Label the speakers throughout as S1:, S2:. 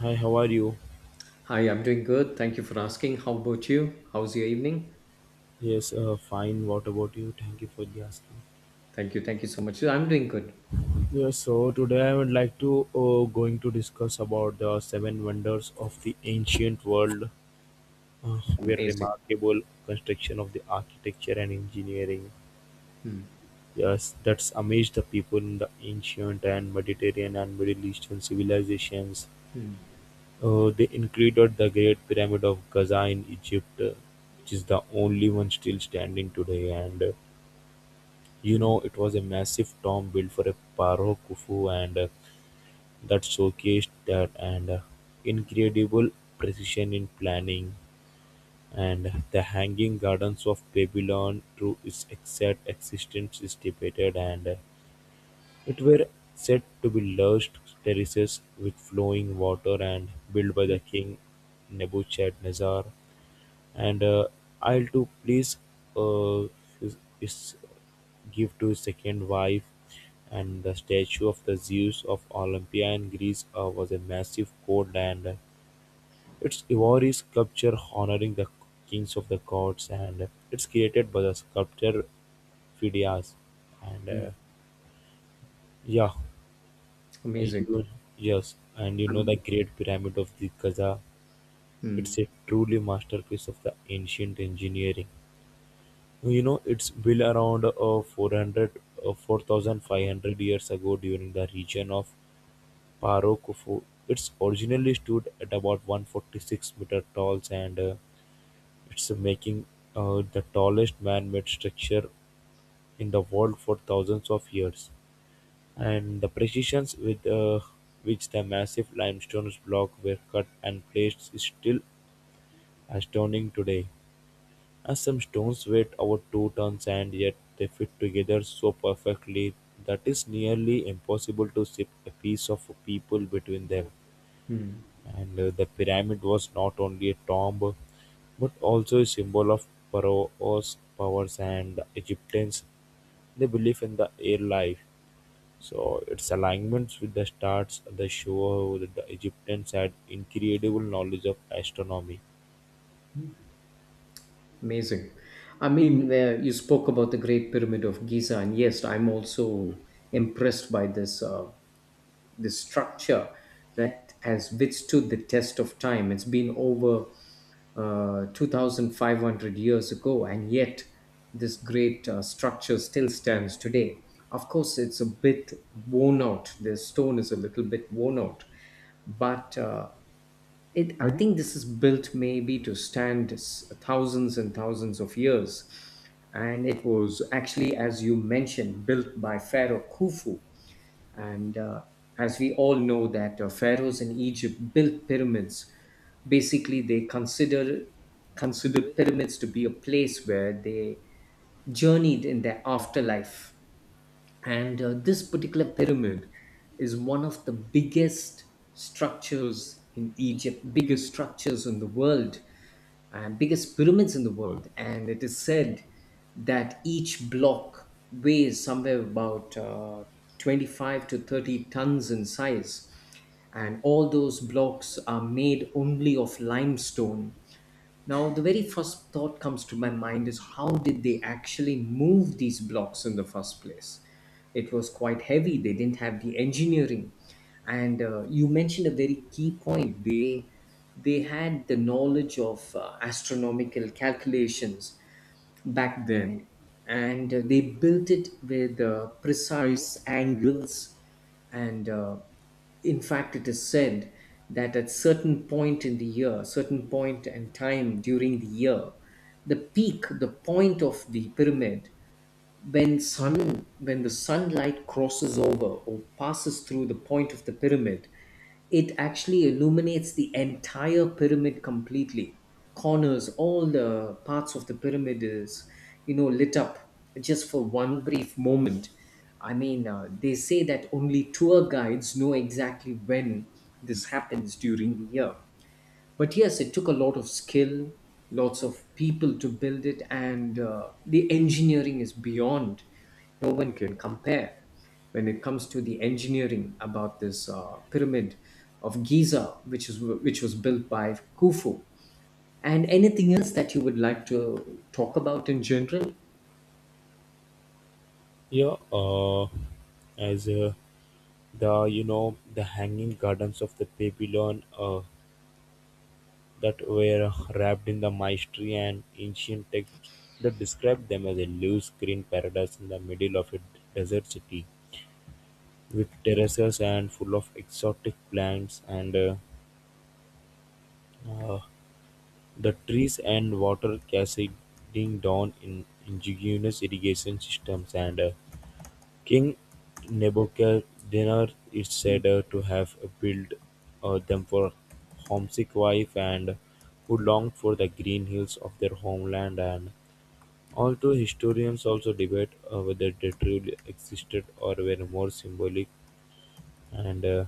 S1: Hi, how are you?
S2: Hi, I'm doing good. Thank you for asking. How about you? How's your evening?
S1: Yes, fine. What about you? Thank you for the asking.
S2: Thank you. Thank you so much. I'm doing good.
S1: Yes, so today I would like to going to discuss about the seven wonders of the ancient world, where
S2: Amazing.
S1: remarkable construction of the architecture and engineering.
S2: Hmm,
S1: Yes, that's amazed the people in the ancient and Mediterranean and Middle Eastern civilizations.
S2: hmm,
S1: They included the Great Pyramid of Giza in Egypt, which is the only one still standing today, and
S2: hmm,
S1: it was a massive tomb built for a Pharaoh Khufu and that showcased that and incredible precision in planning, and the Hanging Gardens of Babylon, through its exact existence is debated and it were said to be lush terraces with flowing water and built by
S2: hmm,
S1: the king Nebuchadnezzar and I'll to please uh, is give to his second wife. And the statue of the Zeus of Olympia in Greece was a massive gold and its ivory sculpture honoring the kings of the gods, and it's created by the sculptor Phidias and
S2: hmm.
S1: uh, yeah,
S2: Amazing.
S1: you, yes, and you know the
S2: Um,
S1: Great Pyramid of the Giza,
S2: hmm.
S1: it's a truly masterpiece of the ancient engineering. It's built around 400, 4,500 years ago during the region of Paro Khufu. It's originally stood at about 146-meter tall and it's making the tallest man-made structure in the world for thousands of years. And the precisions with which the massive limestone blocks were cut and placed is still astounding today. As some stones weighed over 2 tons and yet they fit together so perfectly that it's nearly impossible to ship a piece of people between them. And the pyramid was not only a tomb but also a symbol of Pharaoh's powers, and the Egyptians' they belief in the air life. So its alignments with the stars they show that the Egyptians had incredible knowledge of astronomy.
S2: Amazing. I mean, you spoke about the Great Pyramid of Giza, and yes, I'm also impressed by this. The structure that has withstood the test of time. It's been over 2,500 years ago, and yet this great structure still stands today. Of course, it's a bit worn out. The stone is a little bit worn out, but I think this is built maybe to stand thousands and thousands of years. And it was actually, as you mentioned, built by Pharaoh Khufu, and as we all know that pharaohs in Egypt built pyramids. Basically, they considered pyramids to be a place where they journeyed in their afterlife. And this particular pyramid is one of the biggest structures in Egypt, biggest structures in the world, biggest pyramids in the world. And it is said that each block weighs somewhere about 25 to 30 tons in size. And all those blocks are made only of limestone. Now, the very first thought comes to my mind is, how did they actually move these blocks in the first place? It was quite heavy, they didn't have the engineering. And you mentioned a very key point. They had the knowledge of astronomical calculations back then, and they built it with precise angles, and in fact it is said that at certain point in the year, certain point and time during the year, the peak, the point of the pyramid, when sun when the sunlight crosses over or passes through the point of the pyramid, it actually illuminates the entire pyramid completely. Corners, all the parts of the pyramid is, you know, lit up just for one brief moment. I mean, they say that only tour guides know exactly when this happens during the year. But yes, it took a lot of skill, lots of people to build it, and the engineering is beyond. No one can compare when it comes to the engineering about this pyramid of Giza, which is which was built by Khufu. And anything else that you would like to talk about in general?
S1: Yeah, as the you know the Hanging Gardens of the Babylon that were wrapped in the mystery and ancient texts that describe them as a loose green paradise in the middle of a desert city with terraces and full of exotic plants and uh, the trees and water cascading down in indigenous irrigation systems and King Nebuchadnezzar is said to have built them for homesick wives and who longed for the green hills of their homeland, and although historians also debate whether they truly existed or were more symbolic and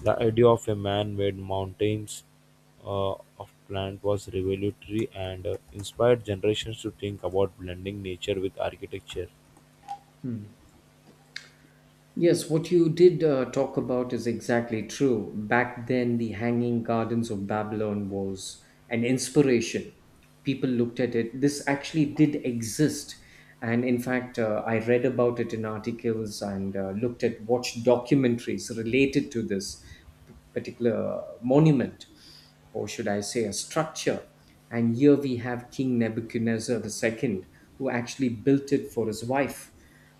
S1: the idea of a man-made mountains of plant was revolutionary and inspired generations to think about blending nature with architecture.
S2: Hmm. Yes, what you did talk about is exactly true. Back then, the Hanging Gardens of Babylon was an inspiration. People looked at it. This actually did exist. And in fact, I read about it in articles and looked at, watched documentaries related to this particular monument, or should I say, a structure. And here we have King Nebuchadnezzar II, who actually built it for his wife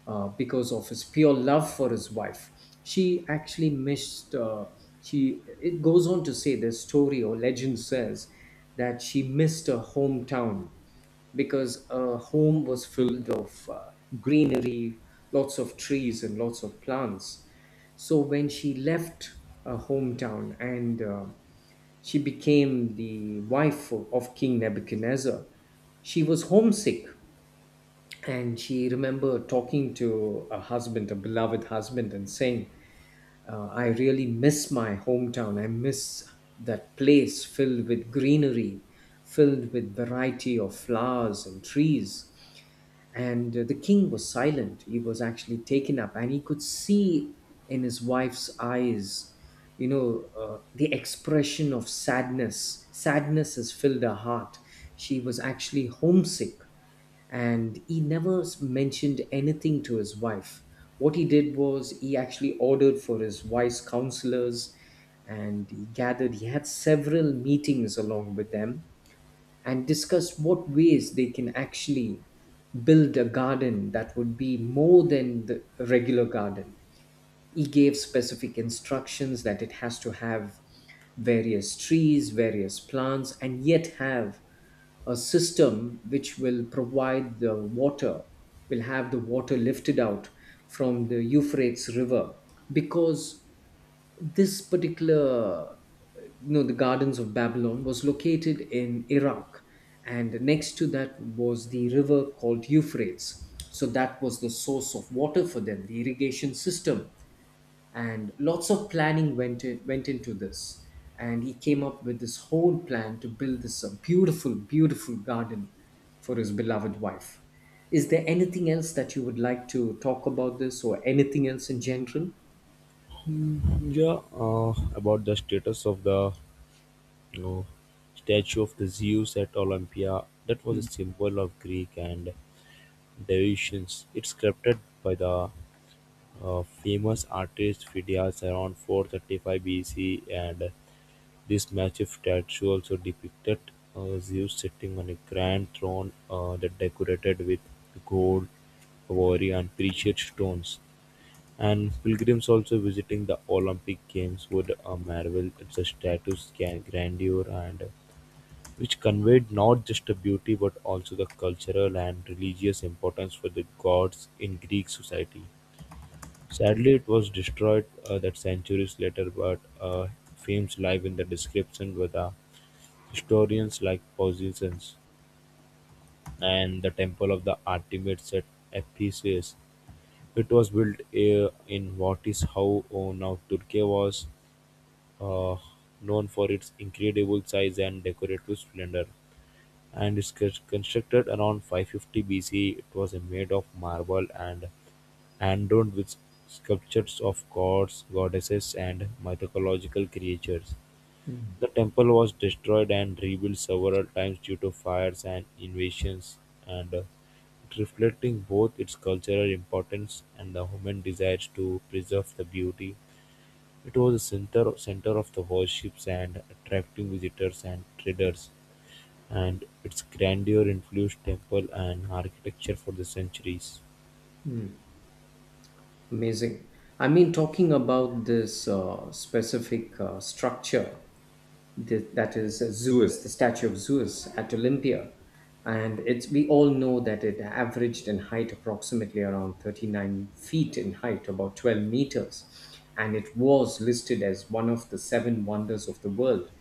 S2: because of his pure love for his wife. She actually missed. She, it goes on to say, this story or legend says that she missed her hometown because her home was filled of greenery, lots of trees and lots of plants. So when she left her hometown and she became the wife of King Nebuchadnezzar, she was homesick, and she remembered talking to a husband, a beloved husband, and saying, I really miss my hometown. I miss that place filled with greenery, filled with variety of flowers and trees. And the king was silent. He was actually taken up and he could see in his wife's eyes, you know, the expression of sadness. Sadness has filled her heart. She was actually homesick, and he never mentioned anything to his wife. What he did was he actually ordered for his wife's counselors, and he gathered, he had several meetings along with them and discussed what ways they can actually build a garden that would be more than the regular garden. He gave specific instructions that it has to have various trees, various plants, and yet have a system which will provide the water, will have the water lifted out from the Euphrates River, because this particular, you know, the Gardens of Babylon was located in Iraq, and next to that was the river called Euphrates. So that was the source of water for them, the irrigation system. And lots of planning went into this, and he came up with this whole plan to build this beautiful beautiful garden for his beloved wife. Is there anything else that you would like to talk about this or anything else in general?
S1: Yeah, about the status of the, you know, statue of the Zeus at Olympia, that was a
S2: Hmm.
S1: symbol of Greek and devotions. It's sculpted by the famous artist Phidias around 435 BC, and this massive statue also depicted Zeus sitting on a grand throne that decorated with gold, ivory, and precious stones. And pilgrims also visiting the Olympic Games would marvel at the statue's grandeur, and which conveyed not just the beauty but also the cultural and religious importance for the gods in Greek society. Sadly, it was destroyed that centuries later, but fames live in the description by the historians like Pausanias, and the temple of the Artemis at Ephesus. It was built in what is how now Turkey was uh, known for its incredible size and decorative splendor. And it's constructed around 550 BC. It was made of marble and adorned with sculptures of gods, goddesses, and mythological creatures. The temple was destroyed and rebuilt several times due to fires and invasions, and reflecting both its cultural importance and the human desires to preserve the beauty. It was a centre center of the worship and attracting visitors and traders, and its grandeur influenced temple and architecture for the centuries.
S2: Amazing. I mean, talking about this specific structure, that is Zeus, the statue of Zeus at Olympia. And it's we all know that it averaged in height approximately around 39 feet in height, about 12 meters. And it was listed as one of the seven wonders of the world.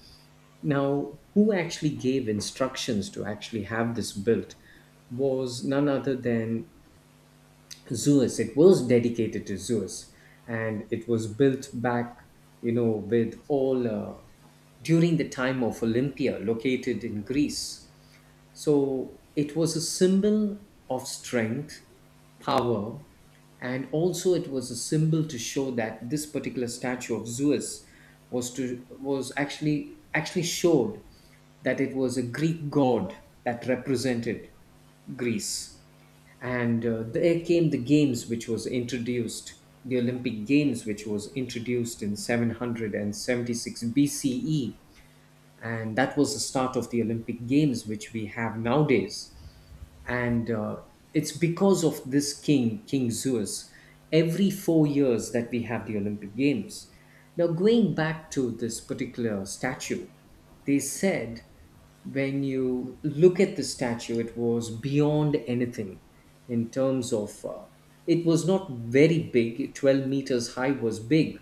S2: Now, who actually gave instructions to actually have this built was none other than Zeus. It was dedicated to Zeus, and it was built back, you know, with all, during the time of Olympia, located in Greece. So it was a symbol of strength, power, and also it was a symbol to show that this particular statue of Zeus was actually showed that it was a Greek god that represented Greece. And there came the games which was introduced, the Olympic Games, which was introduced in 776 BCE. And that was the start of the Olympic Games which we have nowadays. And it's because of this king Zeus every 4 years that we have the Olympic Games. Now going back to this particular statue, they said when you look at the statue, it was beyond anything in terms of, it was not very big, 12 meters high was big.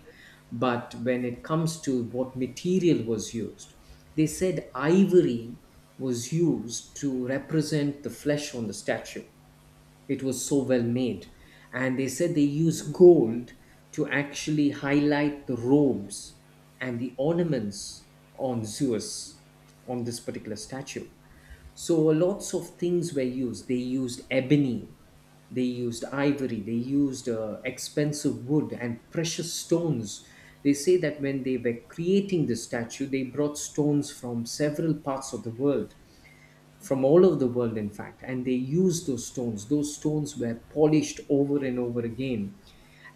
S2: But when it comes to what material was used, they said ivory was used to represent the flesh on the statue. It was so well made. And they said they used gold to actually highlight the robes and the ornaments on Zeus, on this particular statue. So lots of things were used. They used ebony, they used ivory, they used expensive wood and precious stones. They say that when they were creating the statue, they brought stones from several parts of the world, from all over the world in fact, and they used those stones. Those stones were polished over and over again,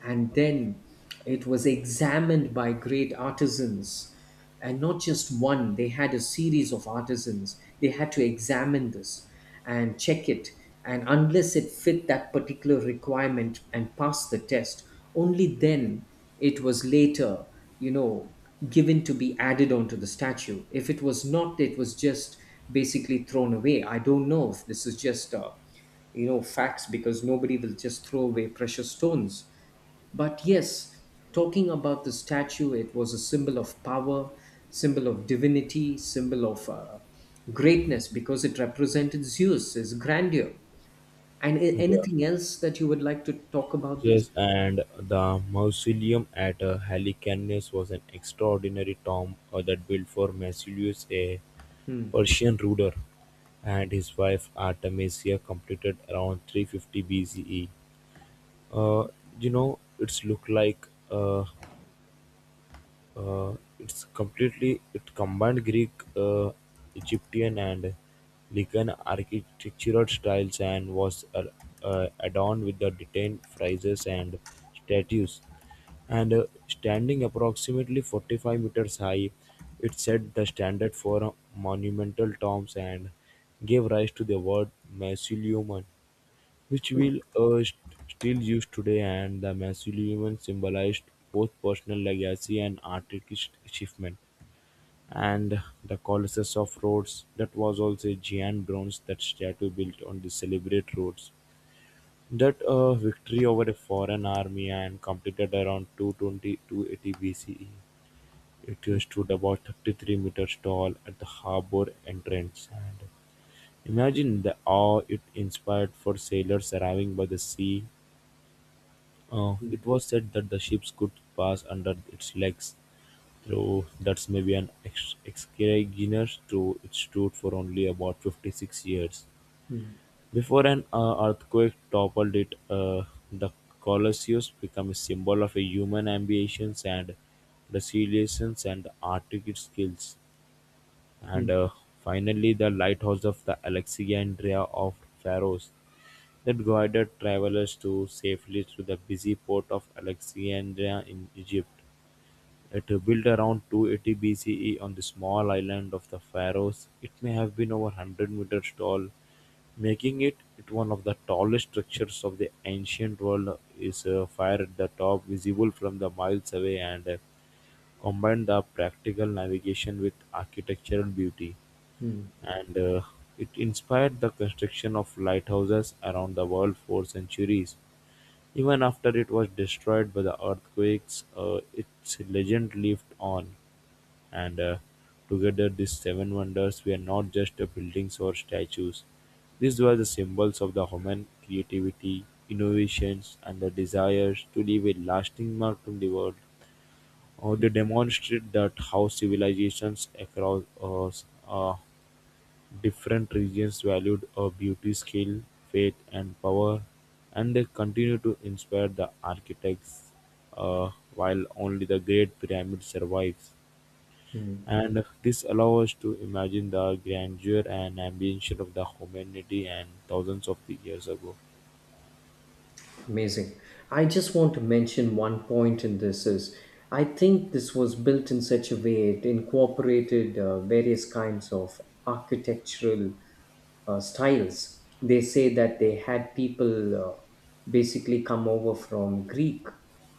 S2: and then it was examined by great artisans, and not just one. They had a series of artisans. They had to examine this and check it, and unless it fit that particular requirement and passed the test, only then it was later, you know, given to be added onto the statue. If it was not, it was just basically thrown away. I don't know if this is just a, you know, facts, because nobody will just throw away precious stones. But yes, talking about the statue, it was a symbol of power, symbol of divinity, symbol of greatness, because it represented Zeus, his grandeur. And
S1: The
S2: anything else that you would like to talk about this?
S1: church and the mausoleum at Halicarnassus was an extraordinary tomb that built for Massilius, a
S2: Hmm.
S1: Persian ruler, and his wife Artemisia, completed around 350 BCE. Uh, it's look like it's completely it combined Greek, Egyptian, and Lycan architectural styles, and was adorned with the detailed friezes and statues. And standing approximately 45 meters high, it set the standard for monumental tombs and gave rise to the word mausoleum, which wheels are still used today, and the mausoleum symbolized both personal legacy and artistic achievement. And the Colossus of Rhodes, that was also a giant bronze that statue built on the celebrate Rhodes. That victory over a foreign army and completed around two twenty two eighty BCE. It
S2: Hmm.
S1: stood about 33 meters tall at the harbor entrance. And imagine the awe it inspired for sailors arriving by the sea.
S2: Hmm.
S1: It was said that the ships could pass under its legs, though that's maybe an exogenous truth. It stood for only about 56 years
S2: Hmm.
S1: before an earthquake toppled it. The Colosseus became a symbol of a human ambitions and resilience and artistic skills,
S2: Hmm.
S1: and finally the lighthouse of the Alexandria of Pharos that guided travelers to safely through the busy port of Alexandria in Egypt. It built around 280 BCE on the small island of the Pharos. It may have been over 100 meters tall, making it one of the tallest structures of the ancient world. Is a fire at the top, visible from the miles away, and combined the practical navigation with architectural beauty,
S2: Hmm.
S1: and it inspired the construction of lighthouses around the world for centuries. Even after it was destroyed by the earthquakes, its legend lived on. And together, these seven wonders were not just buildings or statues, these were the symbols of the human creativity, innovations, and the desires to leave a lasting mark on the world. They demonstrate that how civilizations across different regions valued her beauty, skill, faith and power, and they continue to inspire the architects while only the Great Pyramid survives. And this allows us to imagine the grandeur and ambition of the humanity and thousands of the years ago.
S2: Amazing. I just want to mention one point in this is, I think this was built in such a way it incorporated various kinds of architectural styles. They say that they had people basically come over from Greek,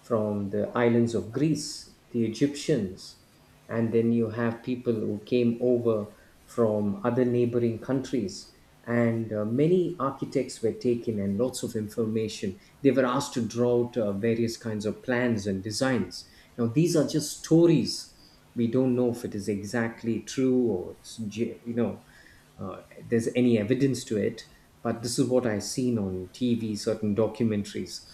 S2: from the islands of Greece, the Egyptians, and then you have people who came over from other neighboring countries, and many architects were taken, and lots of information, they were asked to draw out various kinds of plans and designs. Now these are just stories. We don't know if it is exactly true, or it's you know, there's any evidence to it. But this is what I seen on TV, certain documentaries.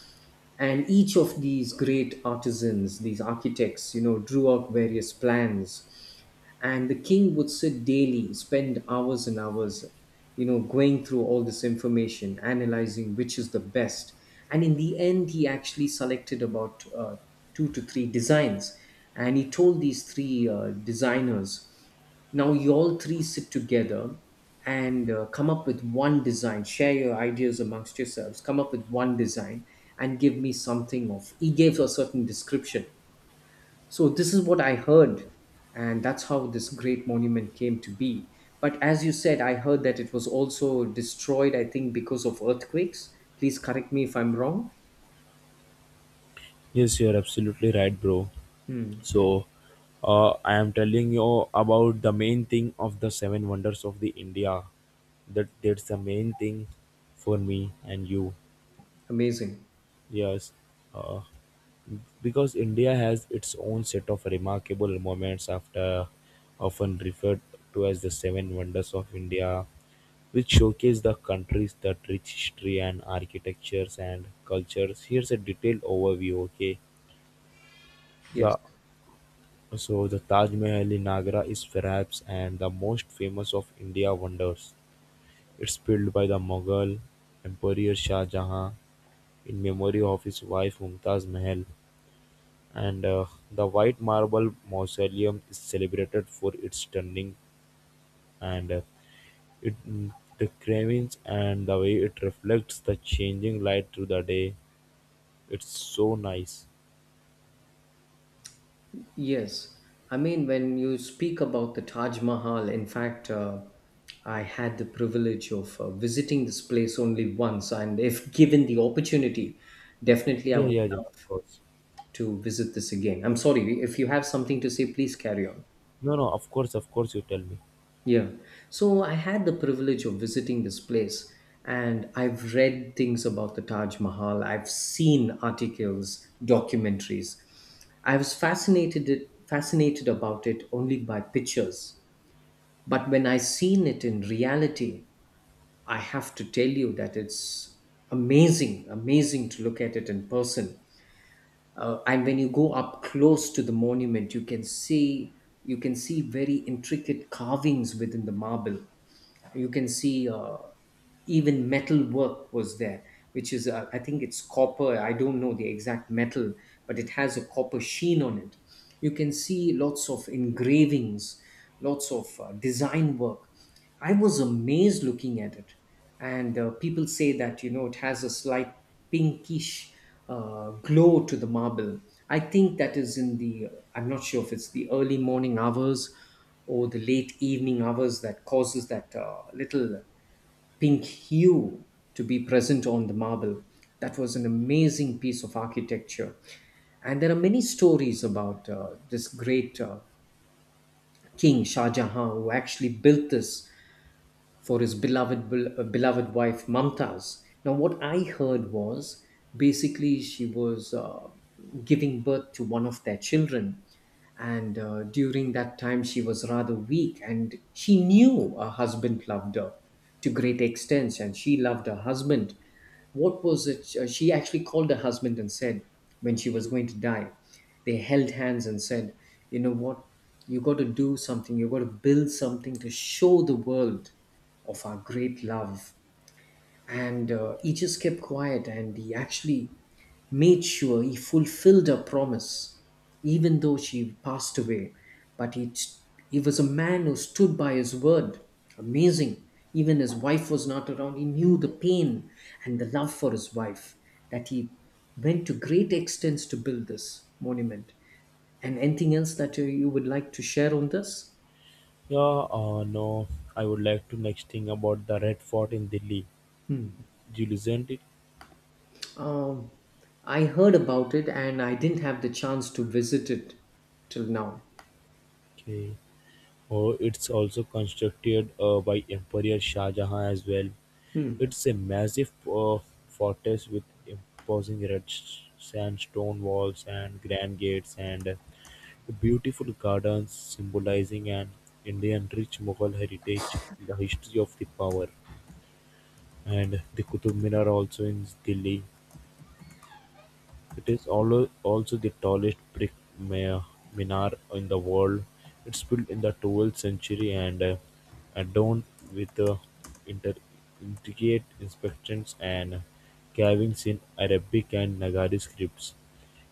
S2: And each of these great artisans, these architects, you know, drew out various plans, and the king would sit daily, spend hours and hours, you know, going through all this information, analyzing which is the best. And in the end he actually selected about, two to three designs, and he told these three designers, now you all three sit together, and come up with one design. Share your ideas amongst yourselves. Come up with one design and give me something of. He gave a certain description. So this is what I heard, and that's how this great monument came to be. But as you said, I heard that it was also destroyed. I think because of earthquakes. Please correct me if I'm wrong.
S1: Yes, you're absolutely right, bro.
S2: Hmm.
S1: So, I am telling you about the main thing of the seven wonders of the India. That's the main thing for me and you.
S2: Amazing.
S1: Yes, uh, because India has its own set of remarkable moments after often referred to as the seven wonders of India, which showcase the country's that rich history and architectures and cultures. Here's a detailed overview, okay?
S2: Yes.
S1: Yeah, so the Taj Mahal in Agra is perhaps and the most famous of India wonders. It's built by the Mughal Emperor Shah Jahan in memory of his wife Mumtaz Mahal, and the white marble mausoleum is celebrated for its stunning, and it mm, the carvings and the way it reflects the changing light through the day. It's so nice.
S2: Yes, I mean, when you speak about the Taj Mahal, in fact, I had the privilege of visiting this place only once, and if given the opportunity, definitely I
S1: Yeah,
S2: would
S1: yeah, yeah, of
S2: love
S1: course.
S2: to visit this again. I'm sorry, if you have something to say, please carry on.
S1: No, no, of course, of course, you tell me.
S2: Yeah. So I had the privilege of visiting this place, and I've read things about the Taj Mahal. I've seen articles, documentaries. I was fascinated about it only by pictures. But when I seen it in reality, I have to tell you that it's amazing, amazing to look at it in person. And when you go up close to the monument, you can see very intricate carvings within the marble. You can see even metal work was there, which is I think it's copper. I don't know the exact metal, but it has a copper sheen on it. You can see lots of engravings, lots of design work. I was amazed looking at it. And people say that, it has a slight pinkish glow to the marble. I think that is in the I'm not sure if it's the early morning hours or the late evening hours that causes that little pink hue to be present on the marble. That was an amazing piece of architecture. And there are many stories about this great king, Shah Jahan, who actually built this for his beloved wife Mumtaz. Now, what I heard was basically she was giving birth to one of their children, and during that time she was rather weak, and she knew her husband loved her to great extent, and she loved her husband, what was it? She actually called her husband and said, when she was going to die, they held hands and said, you know what? You got to do something. You got to build something to show the world of our great love. And he just kept quiet, and he actually made sure he fulfilled her promise even though she passed away. But he was a man who stood by his word. Amazing. Even his wife was not around, he knew the pain and the love for his wife, that he went to great extents to build this monument. And anything else that you would like to share on this?
S1: Yeah, no, I would like to next thing about the Red Fort in Delhi.
S2: Hmm.
S1: Do you listen it?
S2: Um, I heard about it and I didn't have the chance to visit it till now.
S1: Okay. Oh, it's also constructed by Emperor Shah Jahan as well.
S2: Hmm.
S1: It's a massive fortress with imposing red sandstone walls and grand gates and beautiful gardens, symbolizing an Indian rich Mughal heritage, the history of the power. And the Qutub Minar, also in Delhi, it is also the tallest brick ma- minar in the world; it's built in the 12th century and adorned with inter- intricate inscriptions and carvings in Arabic and Nagari scripts,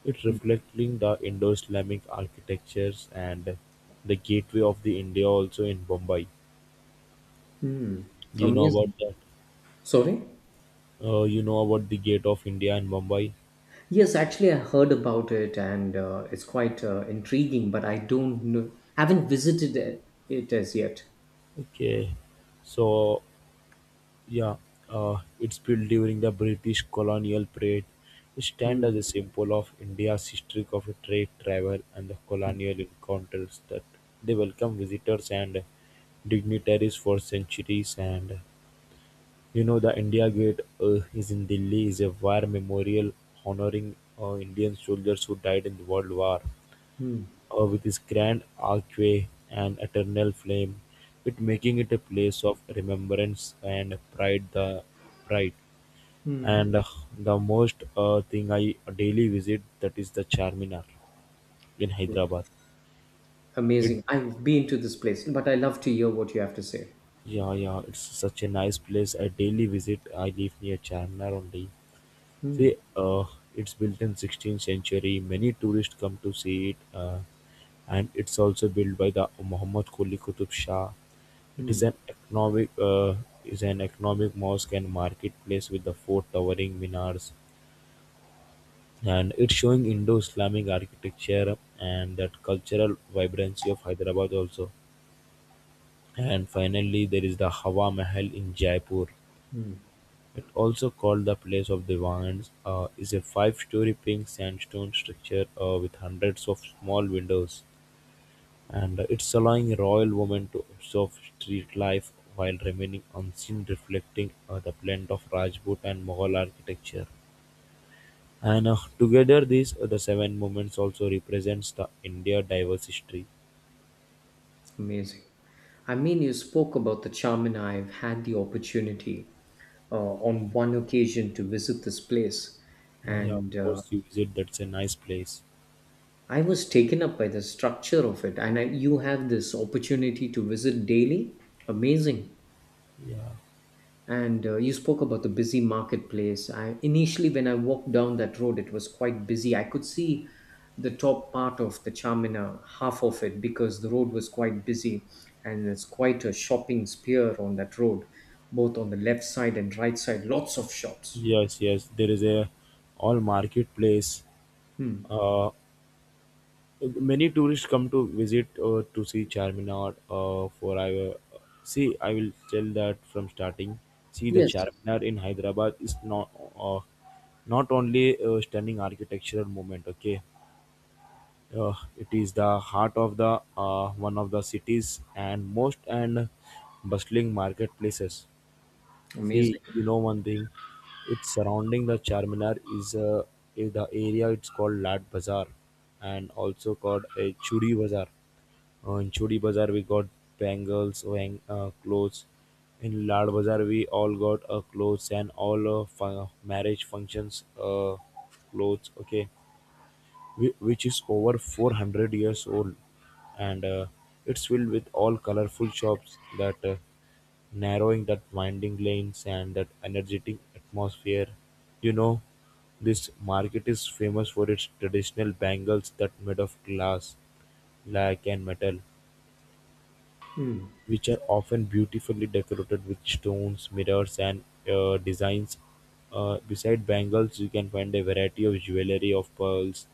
S1: it reflecting the Indo-Islamic architectures, and the gateway of the India also in Bombay. You know about
S2: Amazing.
S1: that?
S2: Sorry?
S1: You know about the Gate of India in Mumbai?
S2: Yes, actually, I heard about it and it's quite intriguing, but I don't know, haven't visited it as yet.
S1: Okay. So yeah, it's built during the British colonial period. It stands
S2: Hmm.
S1: as a symbol of India's history of trade, travel, and the colonial encounters that they welcome visitors and dignitaries for centuries. And you know, the India Gate is in Delhi is a war memorial honoring Indian soldiers who died in the World War
S2: Hmm.
S1: with its grand archway and eternal flame, it making it a place of remembrance and pride. The pride.
S2: Hmm.
S1: And the most thing I daily visit that is the Charminar in Hyderabad. It,
S2: Amazing. I've been to this place, but I love to hear what you have to say.
S1: yeah, yeah, it's such a nice place. I daily visit. I live near Charminar only.
S2: Hmm.
S1: See, it's built in 16th century. Many tourists come to see it, and it's also built by the Muhammad Quli Qutub Shah. It
S2: Hmm.
S1: is an economic uh, is an economic mosque and marketplace with the four towering minars, and it's showing Indo-Islamic architecture and that cultural vibrancy of Hyderabad also. And finally, there is the Hawa Mahal in Jaipur. It, also called the place of Divines, is a five-storey pink sandstone structure with hundreds of small windows and, it's allowing royal women to observe street life while remaining unseen, reflecting the blend of Rajput and Mughal architecture. And Together the seven moments also represents the India diverse history.
S2: Amazing. I mean, you spoke about the charm, and I've had the opportunity on one occasion to visit this place.
S1: Yeah, yeah,
S2: And
S1: of course you visit, that's a nice place.
S2: I was taken up by the structure of it. And I, you have this opportunity to visit daily. Amazing.
S1: Yeah.
S2: And you spoke about the busy marketplace. I initially, when I walked down that road, it was quite busy. I could see the top part of the Charmina, half of it, because the road was quite busy. And it's quite a shopping sphere on that road, both on the left side and right side, lots of shops.
S1: Yes, yes. There is a all marketplace,
S2: Hmm.
S1: uh, many tourists come to visit, to see Charminar, for I see, I will tell that from starting. See, the
S2: Yes.
S1: Charminar in Hyderabad is uh, not only a stunning architectural moment, okay. It is the heart of the one of the cities and most and bustling marketplaces.
S2: Amazing.
S1: See, you know one thing, it's surrounding the Charminar is, in the area, it's called Lat Bazaar and also called a Chudi Bazaar. In Chudi Bazaar we got bangles, wang, clothes. In Lad Bazaar we all got clothes and all marriage functions, clothes. Okay, which is over 400 years old, and it's filled with all colorful shops that, narrowing that winding lanes and that energetic atmosphere, you know. This market is famous for its traditional bangles that made of glass, lac and metal,
S2: Mm,
S1: which are often beautifully decorated with stones, mirrors, and designs. Beside bangles, you can find a variety of jewelry of pearls,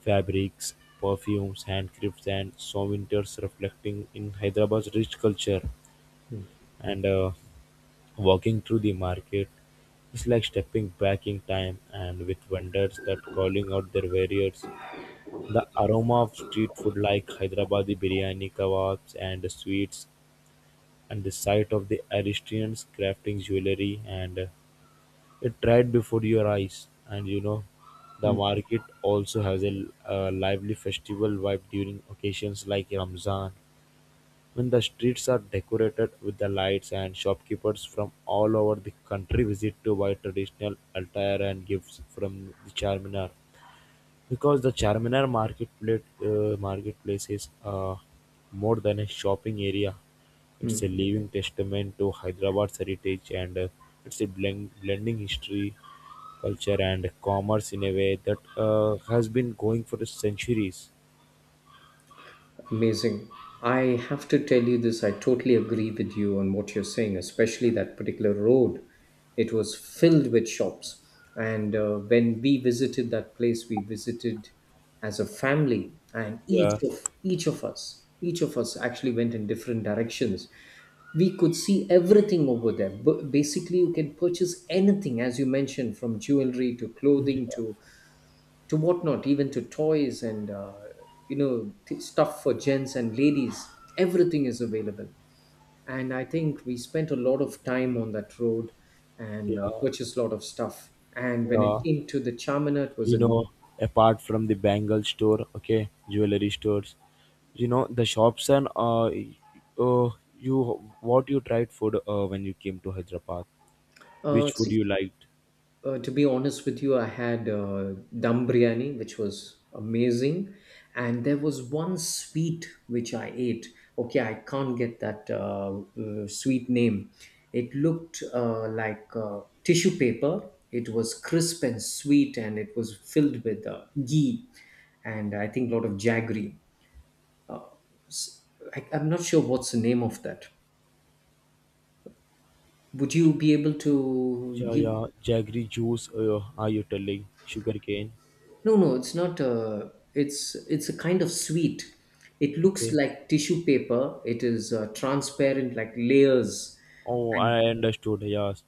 S1: fabrics, perfumes, handcrafts, and souvenirs reflecting in Hyderabad's rich culture.
S2: mm,
S1: And Walking through the market is like stepping back in time, and with vendors that calling out their various. The aroma of street food like Hyderabadi biryani, kebabs, and sweets, and the sight of the aristians crafting jewelry, and it right before your eyes. And you know, the
S2: mm.
S1: market also has a lively festival vibe during occasions like Ramzan, when the streets are decorated with the lights and shopkeepers from all over the country visit to buy traditional attire and gifts from the Charminar, because the Charminar marketplace, marketplace is, more than a shopping area. It's a living testament to Hyderabad's heritage, and, it's blending history, culture, and commerce in a way that has been going for centuries.
S2: Amazing. I have to tell you this. I totally agree with you on what you're saying, especially that particular road. It was filled with shops. And when we visited that place, we visited as a family, and each
S1: Yeah,
S2: of each of us, each of us actually went in different directions. We could see everything over there. But basically, you can purchase anything, as you mentioned, from jewelry to clothing to whatnot, even to toys and stuff for gents and ladies. Everything is available, and I think we spent a lot of time on that road and
S1: yeah,
S2: purchased a lot of stuff. And when it
S1: yeah.
S2: came to the Charminar, it was
S1: You
S2: an
S1: know, apart from the bangle store, okay, jewelry stores, you know the shops and, y- uh you what you tried food when you came to Hyderabad?
S2: uh,
S1: Which food
S2: see,
S1: you liked?
S2: To be honest with you, I had dum biryani, which was amazing, and there was one sweet which I ate. Okay, I can't get that sweet name. It looked like tissue paper. It was crisp and sweet, and it was filled with ghee and I think a lot of jaggery. S- I am not sure what's the name of that. Would you be able to
S1: Yeah,
S2: give
S1: yeah. Jaggery juice. Are you telling sugarcane?
S2: No, no, it's not. It's a kind of sweet. It looks
S1: Okay.
S2: like tissue paper. It is transparent, like layers.
S1: Oh,
S2: And
S1: I understood. Yes.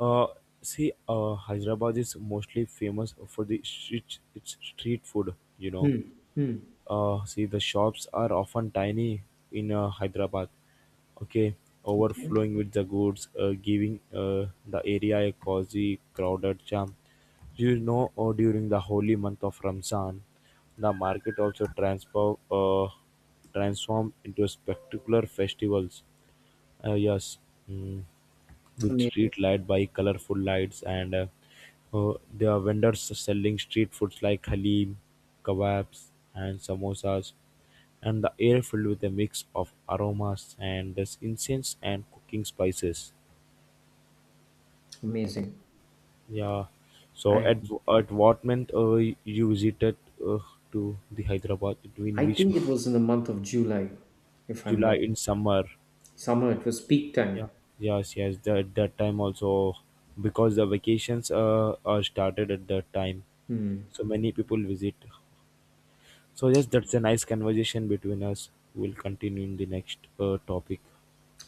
S1: Uh, Hyderabad is mostly famous for the street, its street food. You know.
S2: mm, mm,
S1: See, the shops are often tiny in Hyderabad. Okay,
S2: okay,
S1: overflowing with the goods, giving the area a cozy, crowded charm. You know, during the holy month of Ramzan, the market also transformed into spectacular festivals. Yes, mm, with
S2: amazing,
S1: street light by colorful lights and, there are vendors selling street foods like halim, kebabs, and samosas, and the air filled with a mix of aromas and this incense and cooking spices.
S2: amazing.
S1: Yeah. So
S2: And
S1: at at what month you visited uh, to the Hyderabad? In
S2: I
S1: which
S2: think it
S1: month?
S2: was in the month of July, if I'm
S1: July
S2: right.
S1: in summer.
S2: Somehow it was peak time.
S1: Yeah. Yes. Yes. That that time also because the vacations are started at that time. So many people visit. So yes, that's a nice conversation between us. We'll continue in the next topic.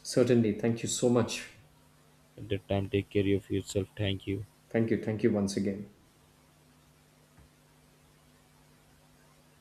S2: Certainly. Thank you so much.
S1: At that time, take care of yourself. Thank you.
S2: Thank you. Thank you once again.